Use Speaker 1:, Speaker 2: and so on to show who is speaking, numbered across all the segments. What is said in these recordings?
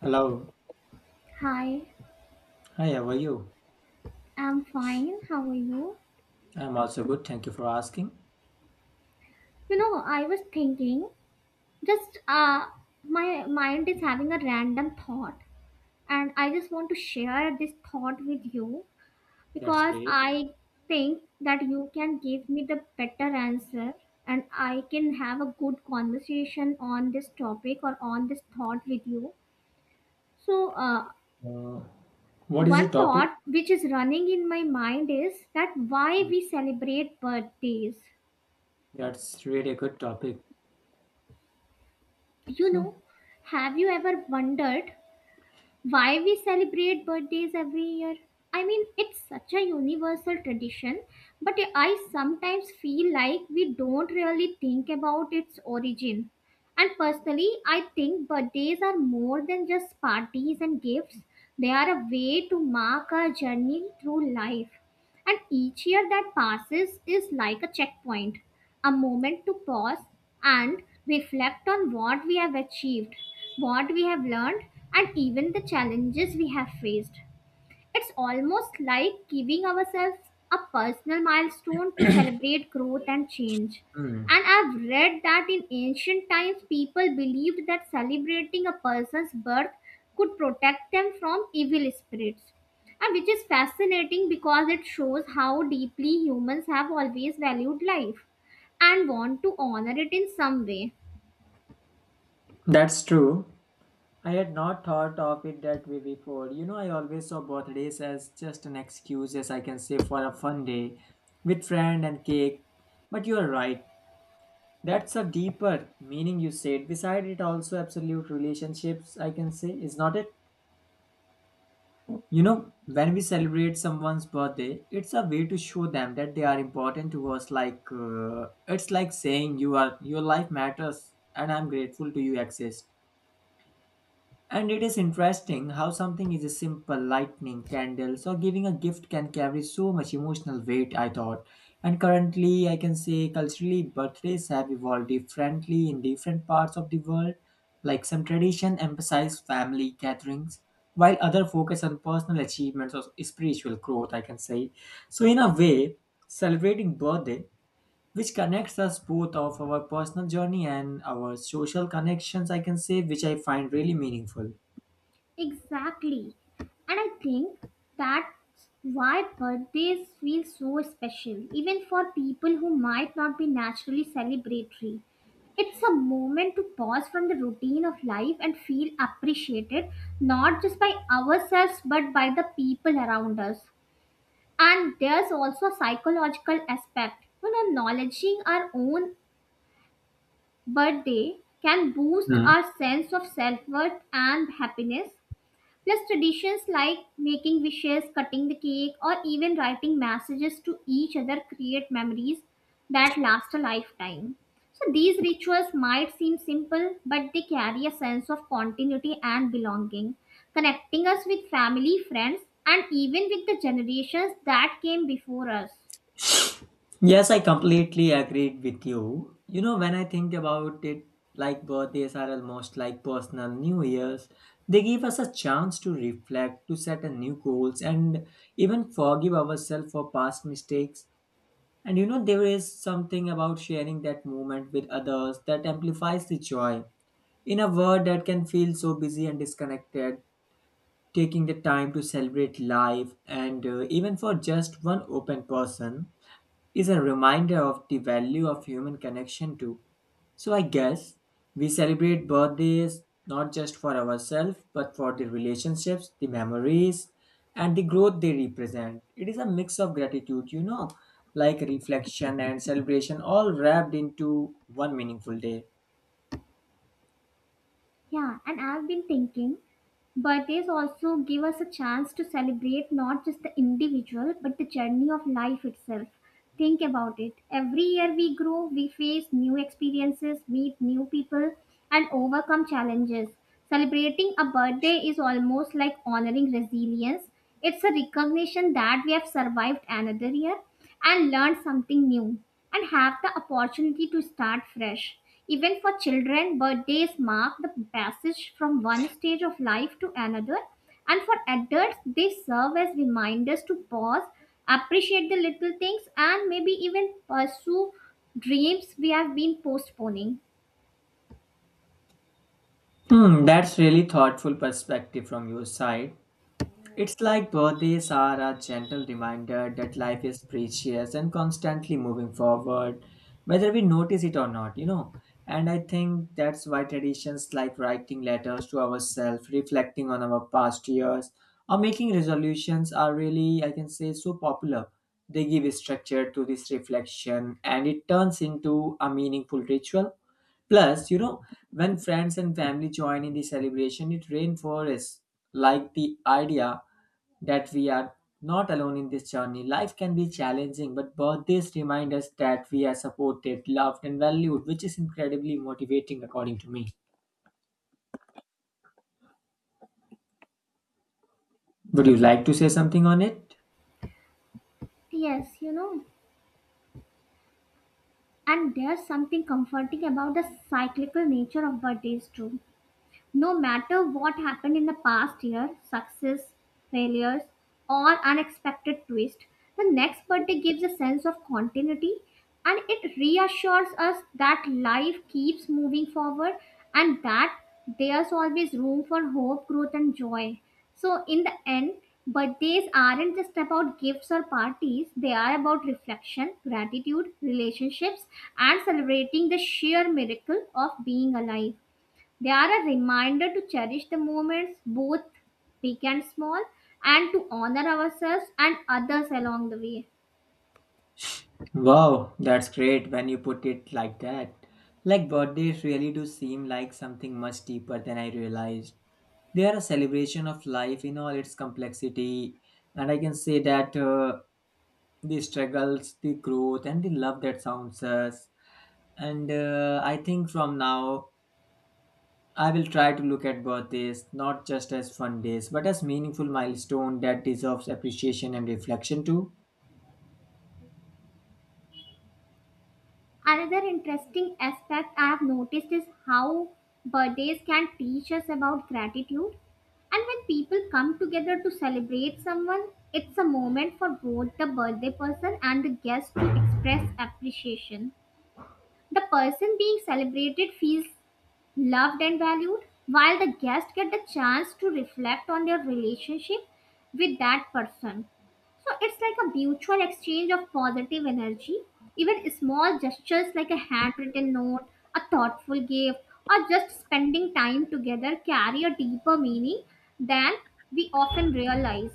Speaker 1: Hello.
Speaker 2: Hi,
Speaker 1: Hi, how are you?
Speaker 2: I'm fine. How are you?
Speaker 1: I'm also good. Thank you for asking.
Speaker 2: You know, I was thinking, just my mind is having a random thought, and I just want to share this thought with you
Speaker 1: That's
Speaker 2: because
Speaker 1: great.
Speaker 2: I think that you can give me the better answer, and I can have a good conversation on this topic or on this thought with you. So, uh,
Speaker 1: Uh, what is the
Speaker 2: One
Speaker 1: topic?
Speaker 2: thought which is running in my mind is that why
Speaker 1: Hmm.
Speaker 2: we celebrate birthdays.
Speaker 1: That's really a good topic.
Speaker 2: You know,
Speaker 1: So,
Speaker 2: have you ever wondered why we celebrate birthdays every year? I mean, it's such a universal tradition, but I sometimes feel like we don't really think about its origin. And personally, I think birthdays are more than just parties and gifts, they are a way to mark our journey through life. And each year that passes is like a checkpoint, a moment to pause and reflect on what we have achieved, what we have learned, and even the challenges we have faced. It's almost like giving ourselves a personal milestone to celebrate growth and change.
Speaker 1: hmm,
Speaker 2: And I've read that in ancient times, people believed that celebrating a person's birth could protect them from evil spirits. And which is fascinating because it shows how deeply humans have always valued life and want to honor it in some way.
Speaker 1: that's true. I had not thought of it that way before. You know, I always saw birthdays as just an excuse, as I can say, for a fun day with friend and cake. But you are right. That's a deeper meaning you said. Beside it, also absolute relationships, I can say, is not it? You know, when we celebrate someone's birthday, it's a way to show them that they are important to us. Like it's like saying you are your life matters, and I'm grateful to you exist. And it is interesting how something is a simple lightning, candles, or giving a gift can carry so much emotional weight, I thought. And currently, I can say culturally, birthdays have evolved differently in different parts of the world. Like some tradition emphasize family gatherings, while other focus on personal achievements or spiritual growth, I can say. So, in a way, celebrating birthday, which connects us both of our personal journey and our social connections, I can say, which I find really meaningful.
Speaker 2: Exactly. And I think that's why birthdays feel so special, even for people who might not be naturally celebratory. It's a moment to pause from the routine of life and feel appreciated, not just by ourselves, but by the people around us. And there's also a psychological aspect. You know, acknowledging our own birthday can boost
Speaker 1: Mm.
Speaker 2: our sense of self worth and happiness. Plus, traditions like making wishes, cutting the cake, or even writing messages to each other create memories that last a lifetime. So, these rituals might seem simple, but they carry a sense of continuity and belonging, connecting us with family, friends, and even with the generations that came before us.
Speaker 1: Yes, I completely agreed with you. You know, when I think about it, like birthdays are almost like personal New Year's. They give us a chance to reflect, to set a new goals, and even forgive ourselves for past mistakes. And you know, there is something about sharing that moment with others that amplifies the joy. In a world that can feel so busy and disconnected, taking the time to celebrate life and even for just one open person is a reminder of the value of human connection too. So I guess we celebrate birthdays not just for ourselves but for the relationships, the memories, and the growth they represent. It is a mix of gratitude, you know, like reflection and celebration all wrapped into one meaningful day.
Speaker 2: Yeah, and I've been thinking birthdays also give us a chance to celebrate not just the individual but the journey of life itself. Think about it. Every year we grow, we face new experiences, meet new people, and overcome challenges. Celebrating a birthday is almost like honoring resilience. It's a recognition that we have survived another year and learned something new and have the opportunity to start fresh. Even for children, birthdays mark the passage from one stage of life to another, and for adults, they serve as reminders to pause, appreciate the little things, and maybe even pursue dreams we have been postponing.
Speaker 1: Hmm, that's really thoughtful perspective from your side. It's like birthdays are a gentle reminder that life is precious and constantly moving forward, whether we notice it or not, you know. And I think that's why traditions like writing letters to ourselves, reflecting on our past years, or making resolutions are really, I can say, so popular. They give structure to this reflection and it turns into a meaningful ritual. Plus, you know, when friends and family join in the celebration, it reinforces like the idea that we are not alone in this journey. Life can be challenging, but birthdays remind us that we are supported, loved, and valued, which is incredibly motivating, according to me. Would you like to say something on it?
Speaker 2: Yes, you know, and there's something comforting about the cyclical nature of birthdays, too. No matter what happened in the past year, success, failures, or unexpected twist, the next birthday gives a sense of continuity and it reassures us that life keeps moving forward and that there's always room for hope, growth, and joy. So, in the end, birthdays aren't just about gifts or parties, they are about reflection, gratitude, relationships, and celebrating the sheer miracle of being alive. They are a reminder to cherish the moments, both big and small, and to honor ourselves and others along the way.
Speaker 1: Wow, that's great when you put it like that. Like birthdays really do seem like something much deeper than I realized. They are a celebration of life in all its complexity, and I can say that the struggles, the growth, and the love that surrounds us. And I think from now, I will try to look at birthdays not just as fun days, but as meaningful milestone that deserves appreciation and reflection too.
Speaker 2: Another interesting aspect I have noticed is how birthdays can teach us about gratitude. And when people come together to celebrate someone, it's a moment for both the birthday person and the guest to express appreciation. The person being celebrated feels loved and valued, while the guests get the chance to reflect on their relationship with that person. So it's like a mutual exchange of positive energy. Even small gestures like a handwritten note, a thoughtful gift, or just spending time together carry a deeper meaning than we often realize.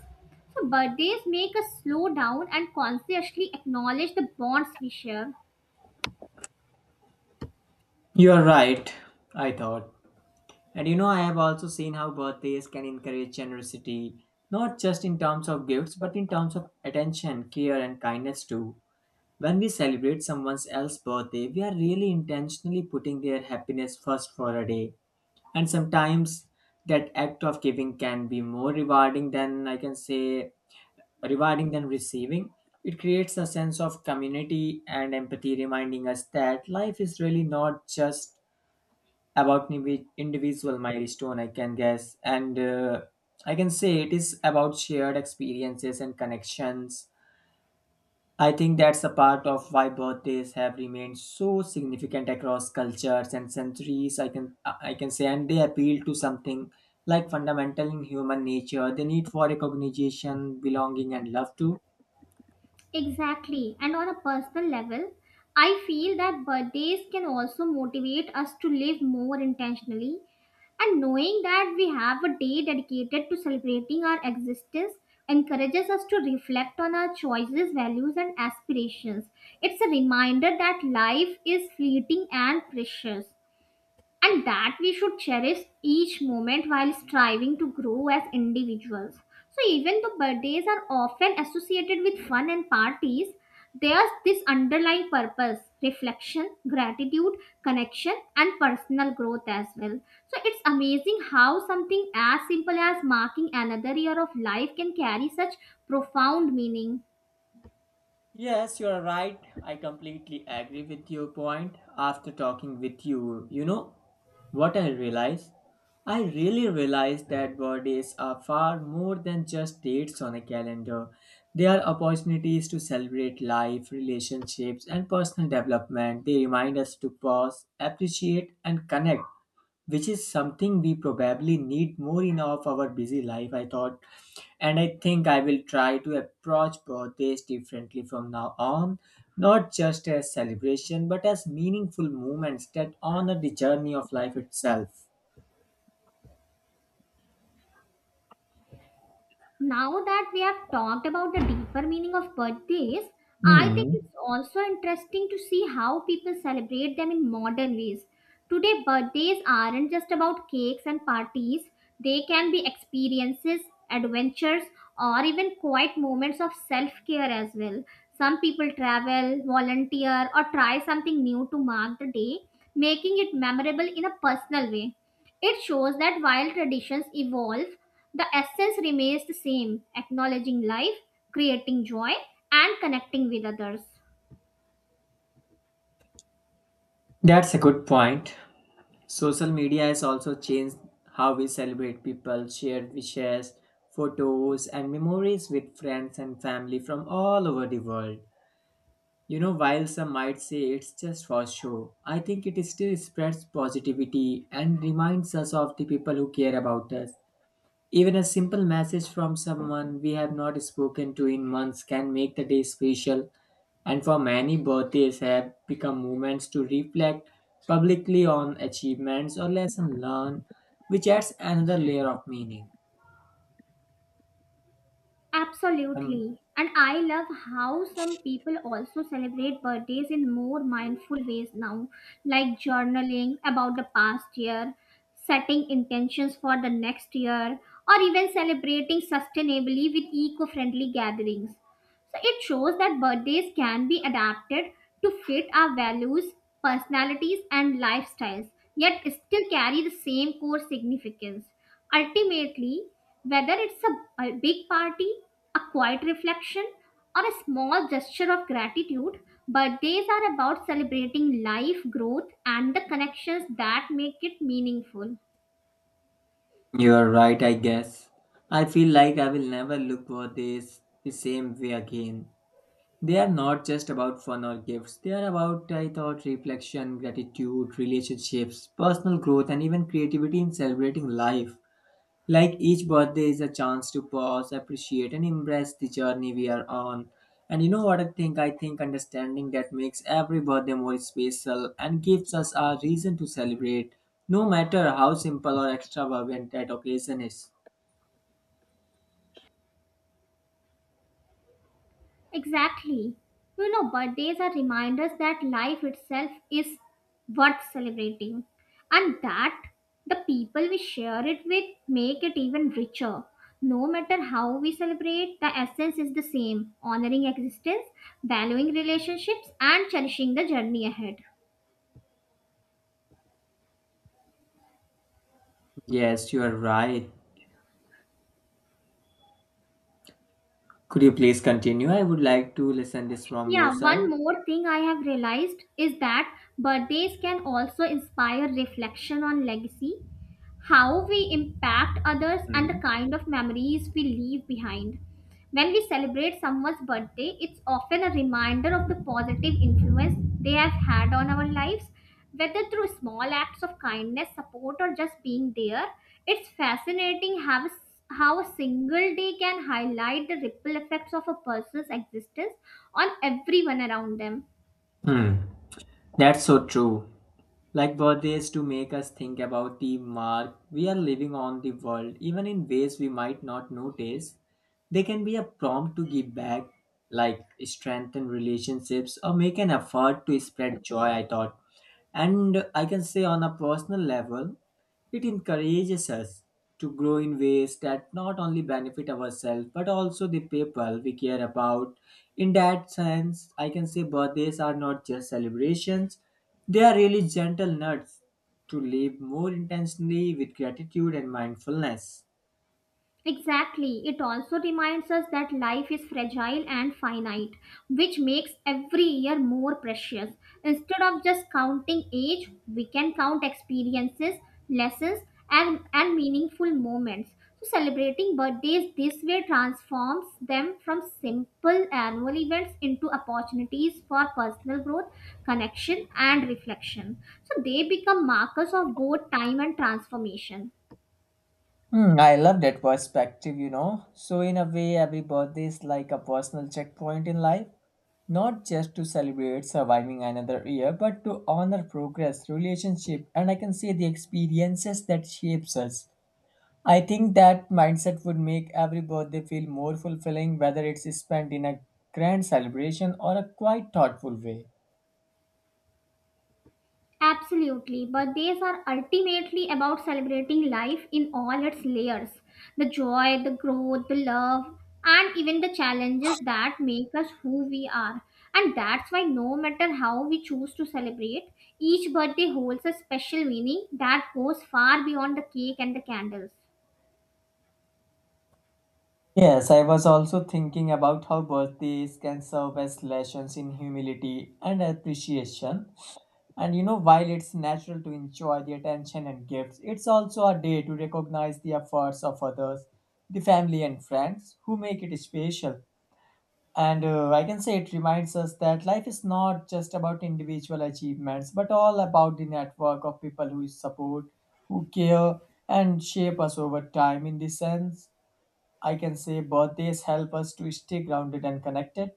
Speaker 2: So birthdays make us slow down and consciously acknowledge the bonds we share.
Speaker 1: You are right, I thought. And you know, I have also seen how birthdays can encourage generosity, not just in terms of gifts, but in terms of attention, care, and kindness too. When we celebrate someone else's birthday, we are really intentionally putting their happiness first for a day, and sometimes that act of giving can be more rewarding than I can say, rewarding than receiving. It creates a sense of community and empathy, reminding us that life is really not just about individual milestone, I can guess. And I can say it is about shared experiences and connections. I think that's a part of why birthdays have remained so significant across cultures and centuries. I can say, and they appeal to something like fundamental in human nature, the need for recognition, belonging, and love too.
Speaker 2: Exactly. And on a personal level, I feel that birthdays can also motivate us to live more intentionally. And knowing that we have a day dedicated to celebrating our existence encourages us to reflect on our choices, values, and aspirations. It's a reminder that life is fleeting and precious and that we should cherish each moment while striving to grow as individuals. So, even though birthdays are often associated with fun and parties, there's this underlying purpose, reflection, gratitude, connection, and personal growth as well. So, it's amazing how something as simple as marking another year of life can carry such profound meaning.
Speaker 1: Yes, you are right. I completely agree with your point. After talking with you, you know what I realized? I really realized that birthdays are far more than just dates on a calendar. They are opportunities to celebrate life, relationships, and personal development. They remind us to pause, appreciate, and connect, which is something we probably need more in of our busy life, I thought. And I think I will try to approach birthdays differently from now on, not just as celebration but as meaningful moments that honor the journey of life itself.
Speaker 2: Now that we have talked about the deeper meaning of birthdays, I think
Speaker 1: Hmm,
Speaker 2: it's also interesting to see how people celebrate them in modern ways. Today, birthdays aren't just about cakes and parties, they can be experiences, adventures, or even quiet moments of self care as well. Some people travel, volunteer, or try something new to mark the day, making it memorable in a personal way. It shows that while traditions evolve, the essence remains the same, acknowledging life, creating joy, and connecting with others.
Speaker 1: that's a good point. Social media has also changed how we celebrate. People share wishes, photos and memories with friends and family from all over the world. You know, while some might say it's just for show, I think it still spreads positivity and reminds us of the people who care about us. Even a simple message from someone we have not spoken to in months can make the day special, and for many, birthdays have become moments to reflect publicly on achievements or lessons learned, which adds another layer of meaning. Um,
Speaker 2: Absolutely. And I love how some people also celebrate birthdays in more mindful ways now, like journaling about the past year, setting intentions for the next year, or even celebrating sustainably with eco friendly gatherings. So it shows that birthdays can be adapted to fit our values, personalities, and lifestyles, yet still carry the same core significance. Ultimately, whether it's a big party, a quiet reflection, or a small gesture of gratitude, birthdays are about celebrating life, growth, and the connections that make it meaningful.
Speaker 1: you're right, I guess. I feel like I will never look for this the same way again. They are not just about fun or gifts. They are about, I thought, reflection, gratitude, relationships, personal growth, and even creativity in celebrating life. Like each birthday is a chance to pause, appreciate, and embrace the journey we are on. And you know what I think? I think understanding that makes every birthday more special and gives us a reason to celebrate, no matter how simple or extravagant that occasion is.
Speaker 2: Exactly. You know, birthdays are reminders that life itself is worth celebrating and that the people we share it with make it even richer. No matter how we celebrate, the essence is the same, honoring existence, valuing relationships, and cherishing the journey ahead.
Speaker 1: Yes, you are right. Could you please continue? I would like to listen this from your
Speaker 2: Yeah, one
Speaker 1: side.
Speaker 2: more thing I have realized is that birthdays can also inspire reflection on legacy, how we impact others, and the
Speaker 1: Mhm.
Speaker 2: kind of memories we leave behind. When we celebrate someone's birthday, it's often a reminder of the positive influence they have had on our lives, whether through small acts of kindness, support, or just being there. It's fascinating how, how a single day can highlight the ripple effects of a person's existence on everyone around them.
Speaker 1: Hmm, that's so true. Like birthdays to make us think about the mark we are living on the world, even in ways we might not notice. They can be a prompt to give back, like strengthen relationships or make an effort to spread joy, I thought. And I can say on a personal level, it encourages us to grow in ways that not only benefit ourselves but also the people we care about. In that sense, I can say birthdays are not just celebrations, they are really gentle nuts to live more intentionally with gratitude and mindfulness.
Speaker 2: Exactly. It also reminds us that life is fragile and finite, which makes every year more precious. Instead of just counting age, we can count experiences, lessons, and meaningful moments. So, celebrating birthdays this way transforms them from simple annual events into opportunities for personal growth, connection, and reflection. So, they become markers of both time and transformation.
Speaker 1: Hmm, I love that perspective, you know. So, in a way, every birthday is like a personal checkpoint in life, not just to celebrate surviving another year, but to honor progress, relationship, and I can say the experiences that shapes us. I think that mindset would make every birthday feel more fulfilling, whether it's spent in a grand celebration or a quite thoughtful way.
Speaker 2: Absolutely, birthdays are ultimately about celebrating life in all its layers, the joy, the growth, the love, and even the challenges that make us who we are. And that's why, no matter how we choose to celebrate, each birthday holds a special meaning that goes far beyond the cake and the candles.
Speaker 1: Yes, I was also thinking about how birthdays can serve as lessons in humility and appreciation. And you know, while it's natural to enjoy the attention and gifts, it's also a day to recognize the efforts of others, the family and friends who make it special. And I can say it reminds us that life is not just about individual achievements, but all about the network of people who support, who care, and shape us over time. In this sense, I can say birthdays help us to stay grounded and connected.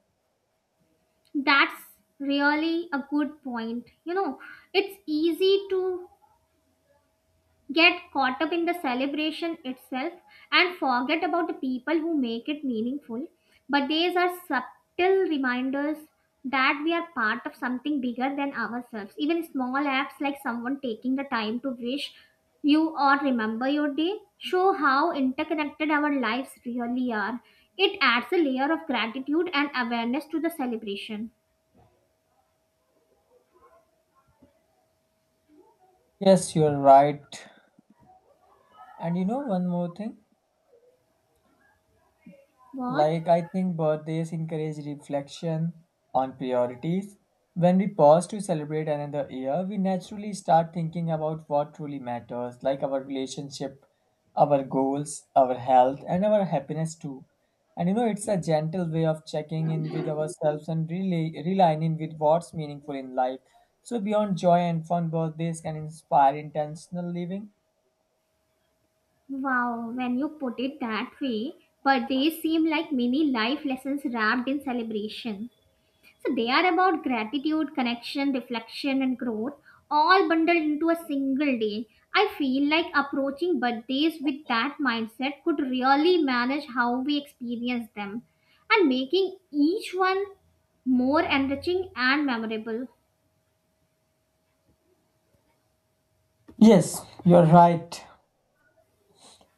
Speaker 2: That's really a good point. You know, it's easy to get caught up in the celebration itself and forget about the people who make it meaningful. But these are subtle reminders that we are part of something bigger than ourselves. Even small acts like someone taking the time to wish you or remember your day show how interconnected our lives really are. It adds a layer of gratitude and awareness to the celebration.
Speaker 1: Yes, you're right. And you know, one more thing.
Speaker 2: What?
Speaker 1: Like, I think birthdays encourage reflection on priorities. When we pause to celebrate another year, we naturally start thinking about what truly matters, like our relationship, our goals, our health, and our happiness too. And you know, it's a gentle way of checking in with ourselves and really realigning with what's meaningful in life. So, beyond joy and fun, birthdays can inspire intentional living.
Speaker 2: Wow, when you put it that way, but they seem like mini life lessons wrapped in celebration. So they are about gratitude, connection, reflection, and growth, all bundled into a single day. I feel like approaching birthdays with that mindset could really manage how we experience them and making each one more enriching and memorable.
Speaker 1: Yes, you're right.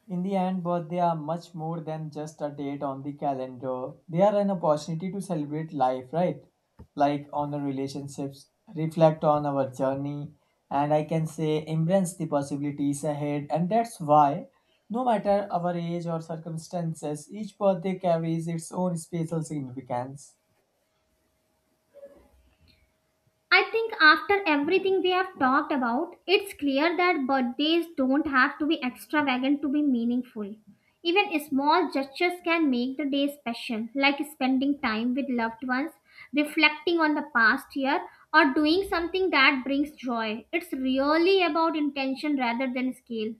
Speaker 1: In the end, birthday are much more than just a date on the calendar. They are an opportunity to celebrate life, right? Like honor relationships, reflect on our journey, and I can say embrace the possibilities ahead. And that's why, no matter our age or circumstances, each birthday carries its own special significance.
Speaker 2: I think after everything we have talked about, it's clear that birthdays don't have to be extravagant to be meaningful. Even small gestures can make the day special, like spending time with loved ones, reflecting on the past year, or doing something that brings joy. It's really about intention rather than scale.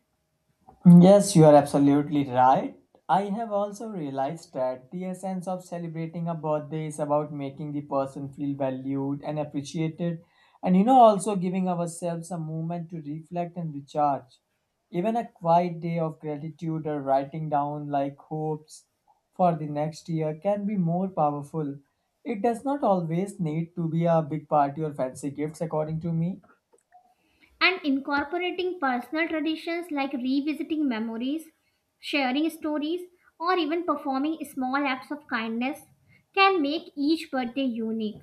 Speaker 1: Yes, you are absolutely right. I have also realized that the essence of celebrating a birthday is about making the person feel valued and appreciated, and you know, also giving ourselves a moment to reflect and recharge. Even a quiet day of gratitude or writing down like hopes for the next year can be more powerful. It does not always need to be a big party or fancy gifts, according to me.
Speaker 2: And incorporating personal traditions like revisiting memories, sharing stories, or even performing small acts of kindness can make each birthday unique.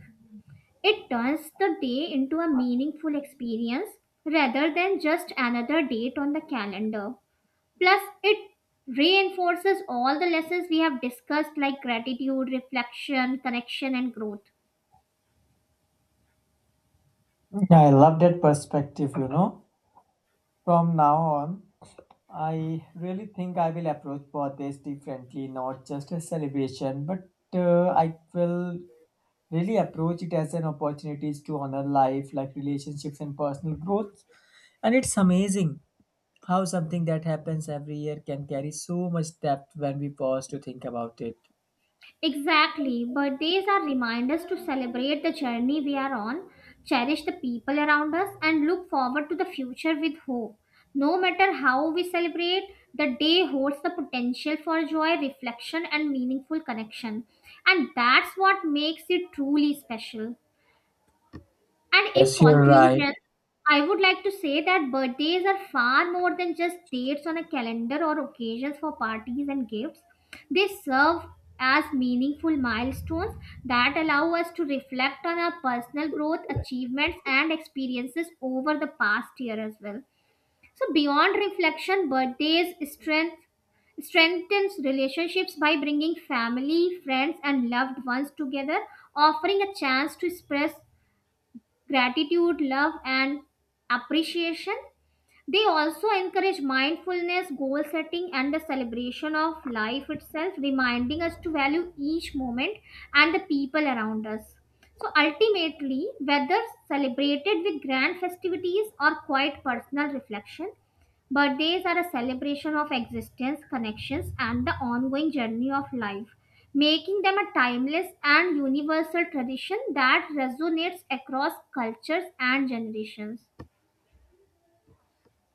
Speaker 2: It turns the day into a meaningful experience rather than just another date on the calendar. Plus, it reinforces all the lessons we have discussed like gratitude, reflection, connection, and growth.
Speaker 1: I love that perspective, you know. From now on, I really think I will approach birthdays differently, not just a celebration, but I will really approach it as an opportunity to honor life, like relationships and personal growth. And it's amazing how something that happens every year can carry so much depth when we pause to think about it.
Speaker 2: Exactly, birthdays are reminders to celebrate the journey we are on, cherish the people around us, and look forward to the future with hope. No matter how we celebrate, the day holds the potential for joy, reflection, and meaningful connection. And that's what makes it truly special. And in
Speaker 1: Yes, you're right.
Speaker 2: conclusion, I would like to say that birthdays are far more than just dates on a calendar or occasions for parties and gifts. They serve as meaningful milestones that allow us to reflect on our personal growth, achievements, and experiences over the past year as well. So, beyond reflection, strengthens relationships by bringing family, friends, and loved ones together, offering a chance to express gratitude, love, and appreciation. They also encourage mindfulness, goal setting, and the celebration of life itself, reminding us to value each moment and the people around us. So ultimately, whether celebrated with grand festivities or quiet personal reflection, birthdays are a celebration of existence, connections, and the ongoing journey of life, making them a timeless and universal tradition that resonates across cultures and generations.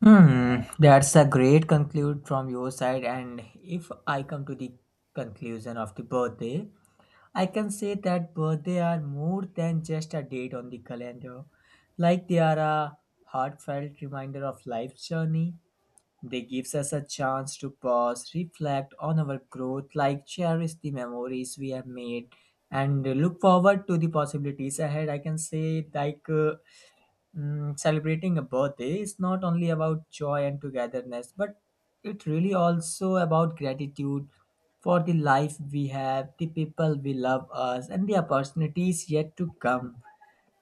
Speaker 1: Hmm, that's a great conclude from your side. And if I come to the conclusion of the birthday, I can say that birthday are more than just a date on the calendar. Like they are a heartfelt reminder of life's journey. They gives us a chance to pause, reflect on our growth, like cherish the memories we have made and look forward to the possibilities ahead. I can say like Mm, Celebrating a birthday is not only about joy and togetherness, but it really also about gratitude for the life we have, the people we love us, and the opportunities yet to come.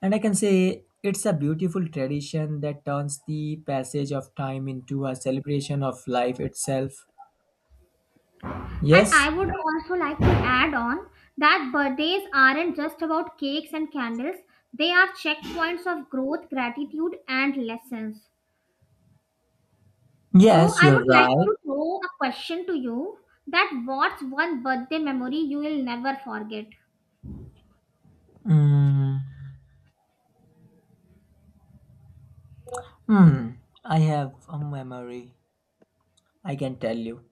Speaker 1: And I can say it's a beautiful tradition that turns the passage of time into a celebration of life itself.
Speaker 2: And
Speaker 1: Yes,
Speaker 2: I would also like to add on that birthdays aren't just about cakes and candles, they are checkpoints of growth, gratitude, and lessons. So,
Speaker 1: yes,
Speaker 2: I
Speaker 1: you're
Speaker 2: would like
Speaker 1: right.
Speaker 2: to throw a question to you: that what's one birthday memory you will never forget?
Speaker 1: Mm, hmm, I have a memory, I can tell you.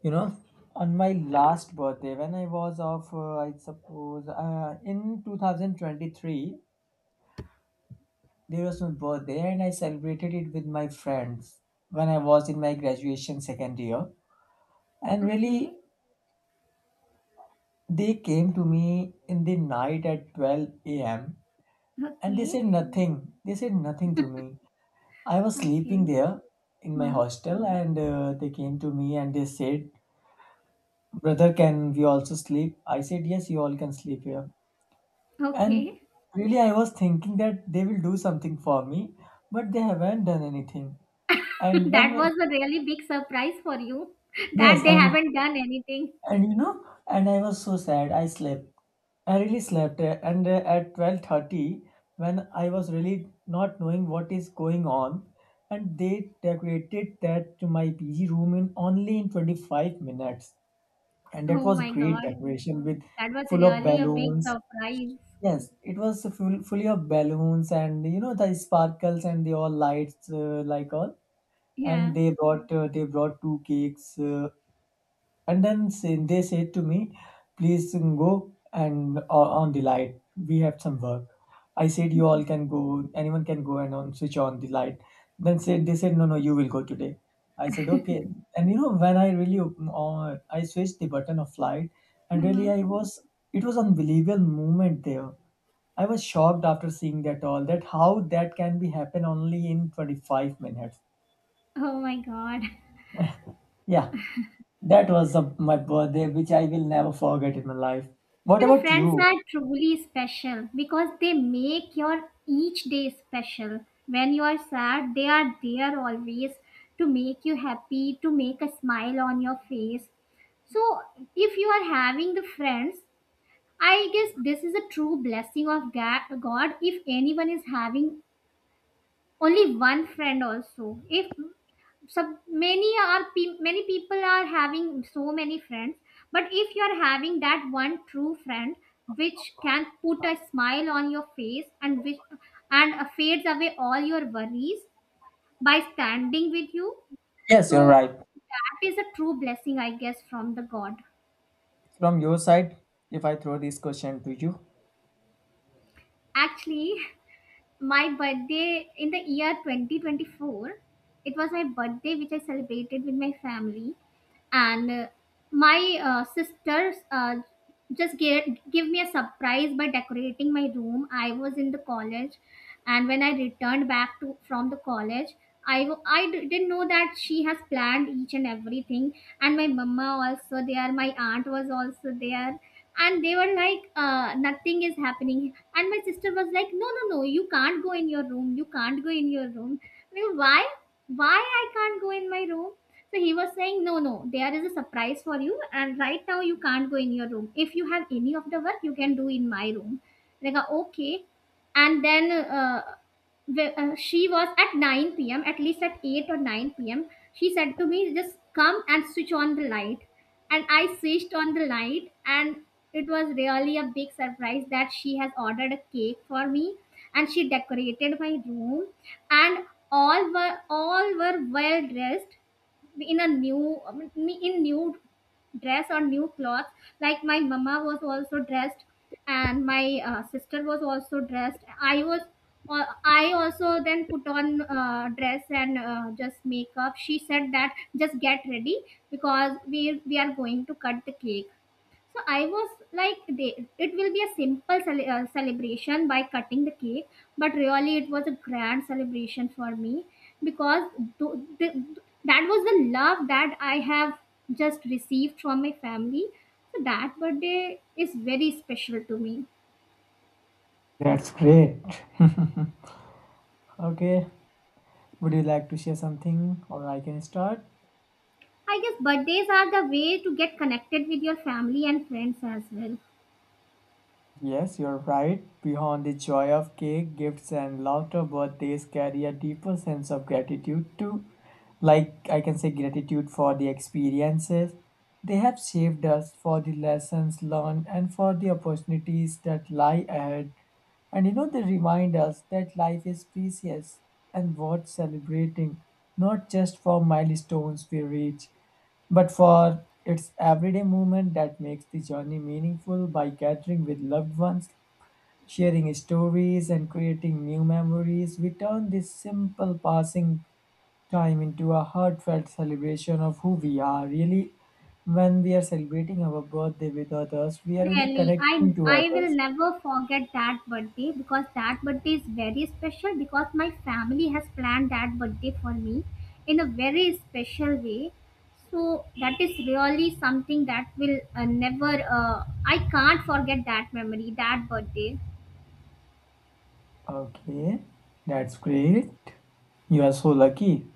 Speaker 1: You know, on my last birthday, when I was of, I suppose, in 2023, there was my birthday and I celebrated it with my friends when I was in my graduation second year. And really,
Speaker 2: Okay,
Speaker 1: they came to me in the night at 12 a.m. and they said
Speaker 2: okay,
Speaker 1: nothing. They said nothing to me. I was
Speaker 2: okay,
Speaker 1: sleeping there in my
Speaker 2: hmm,
Speaker 1: hostel and they came to me and they said, "Brother, can we also sleep?" I said, "Yes, you all can sleep here." And
Speaker 2: okay.
Speaker 1: really, I was thinking that they will do something for me, but they haven't done anything. And
Speaker 2: That
Speaker 1: when,
Speaker 2: was a really big surprise for you, that
Speaker 1: yes,
Speaker 2: they
Speaker 1: and
Speaker 2: haven't done anything.
Speaker 1: and you know, and I was so sad. I slept. I really slept, and at 12:30, when I was really not knowing what is going on, and they decorated that to my PG room in only in 25 minutes, and that
Speaker 2: Oh
Speaker 1: was
Speaker 2: my
Speaker 1: great
Speaker 2: God,
Speaker 1: decoration with
Speaker 2: that was
Speaker 1: full of
Speaker 2: really a big
Speaker 1: balloons.
Speaker 2: surprise.
Speaker 1: Yes, it was full, fully of balloons and you know the sparkles and the all lights like all, and
Speaker 2: Yeah.
Speaker 1: they brought two cakes, and they said to me, please go and on the light, we have some work. I said, you all can go, anyone can go and on switch on the light. Then said They said, no no, you will go today. I said okay. And you know, when I really I switched the button of light, and really
Speaker 2: Mhm.
Speaker 1: I was, it was unbelievable moment there. I was shocked after seeing that all that, how that can be happen only in 25 minutes.
Speaker 2: Oh my God.
Speaker 1: Yeah, that was a, my birthday, which I will never forget in my life. What
Speaker 2: You know,
Speaker 1: about
Speaker 2: friends
Speaker 1: you?
Speaker 2: are truly special because they make your each day special. When you are sad, they are there always to make you happy, to make a smile on your face. So, if you are having the friends, I guess this is a true blessing of God if anyone is having only one friend also. If so many are many people are having so many friends, but if you are having that one true friend which can put a smile on your face and which and fades away all your worries by standing with you,
Speaker 1: Yes, you're
Speaker 2: so
Speaker 1: right.
Speaker 2: that is a true blessing, I guess, from the God.
Speaker 1: From your side, if I throw this question to you,
Speaker 2: Actually, my birthday in the year 2024, it was my birthday which I celebrated with my family, and my sisters just give me a surprise by decorating my room. I was in the college, and when I returned back to from the college, I w- I d- didn't know that she has planned each and everything, and my mama also there, my aunt was also there, and they were like nothing is happening, and my sister was like, no, no, no, you can't go in your room, you can't go in your room. I mean, why I can't go in my room? So he was saying, no, no, there is a surprise for you, and right now you can't go in your room. If you have any of the work, you can do in my room. Like, okay. And then she was at 9 p.m, at least at 8 or 9 p.m, she said to me just come and switch on the light. And I switched on the light, and it was really a big surprise that she has ordered a cake for me, and she decorated my room. And all were, all were well dressed in a new, in new dress or new clothes. Like, my mama was also dressed, and my sister was also dressed. I was, I also then put on dress, and just makeup. She said that just get ready because we are going to cut the cake. So I was like, they, it will be a simple celebration by cutting the cake, but really it was a grand celebration for me because th- th- that was the love that I have just received from my family. So that birthday is very special to me.
Speaker 1: that's great. Okay, would you like to share something, or I can start?
Speaker 2: I guess birthdays are the way to get connected with your family and friends as well.
Speaker 1: Yes, you're right. Beyond the joy of cake, gifts, and laughter, birthdays carry a deeper sense of gratitude too. Like, I can say gratitude for the experiences they have shaped us, for the lessons learned, and for the opportunities that lie ahead. And you know, they remind us that life is precious and worth celebrating, not just for milestones we reach, but for its everyday moment that makes the journey meaningful by gathering with loved ones, sharing stories and creating new memories, we turn this simple passing time into a heartfelt celebration of who we are. Really, when we are celebrating our birthday with others, we are really
Speaker 2: Really,
Speaker 1: connecting
Speaker 2: I
Speaker 1: to
Speaker 2: I will
Speaker 1: others.
Speaker 2: never forget that birthday because that birthday is very special because my family has planned that birthday for me in a very special way. So that is really something that will never. Uh, I can't forget that memory, that birthday.
Speaker 1: Okay, that's great. You are so lucky.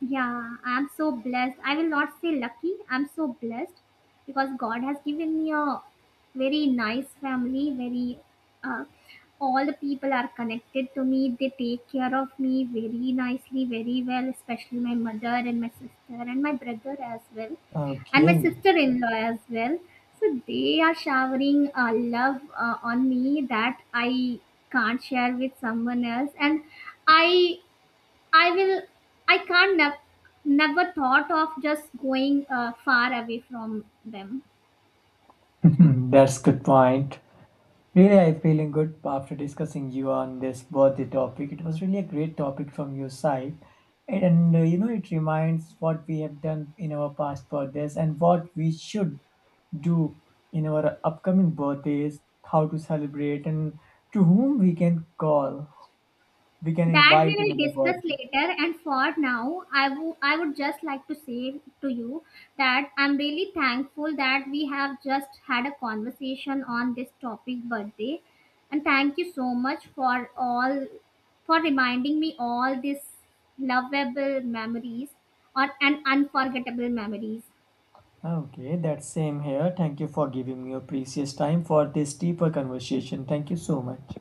Speaker 2: Yeah, I'm so blessed. I will not say lucky. I'm so blessed because God has given me a very nice family. Very, uh, all the people are connected to me. They take care of me very nicely, very well. Especially my mother and my sister and my brother as well, and my
Speaker 1: Okay,
Speaker 2: sister-in-law as well. So they are showering love on me that I can't share with someone else, and I I will. I can't. Never thought of just going far away from them.
Speaker 1: that's good point. Really, I'm feeling good after discussing you on this birthday topic. It was really a great topic from your side. And you know, it reminds what we have done in our past birthdays and what we should do in our upcoming birthdays, how to celebrate, and to whom we can call, we can
Speaker 2: That we
Speaker 1: invite in
Speaker 2: will
Speaker 1: our
Speaker 2: discuss
Speaker 1: birthday.
Speaker 2: later. And for now, I would just like to say to you that I'm really thankful that we have just had a conversation on this topic birthday, and thank you so much for all, for reminding me all these lovable memories or and unforgettable memories.
Speaker 1: Okay, that's same here. Thank you for giving me your precious time for this deeper conversation. Thank you so much.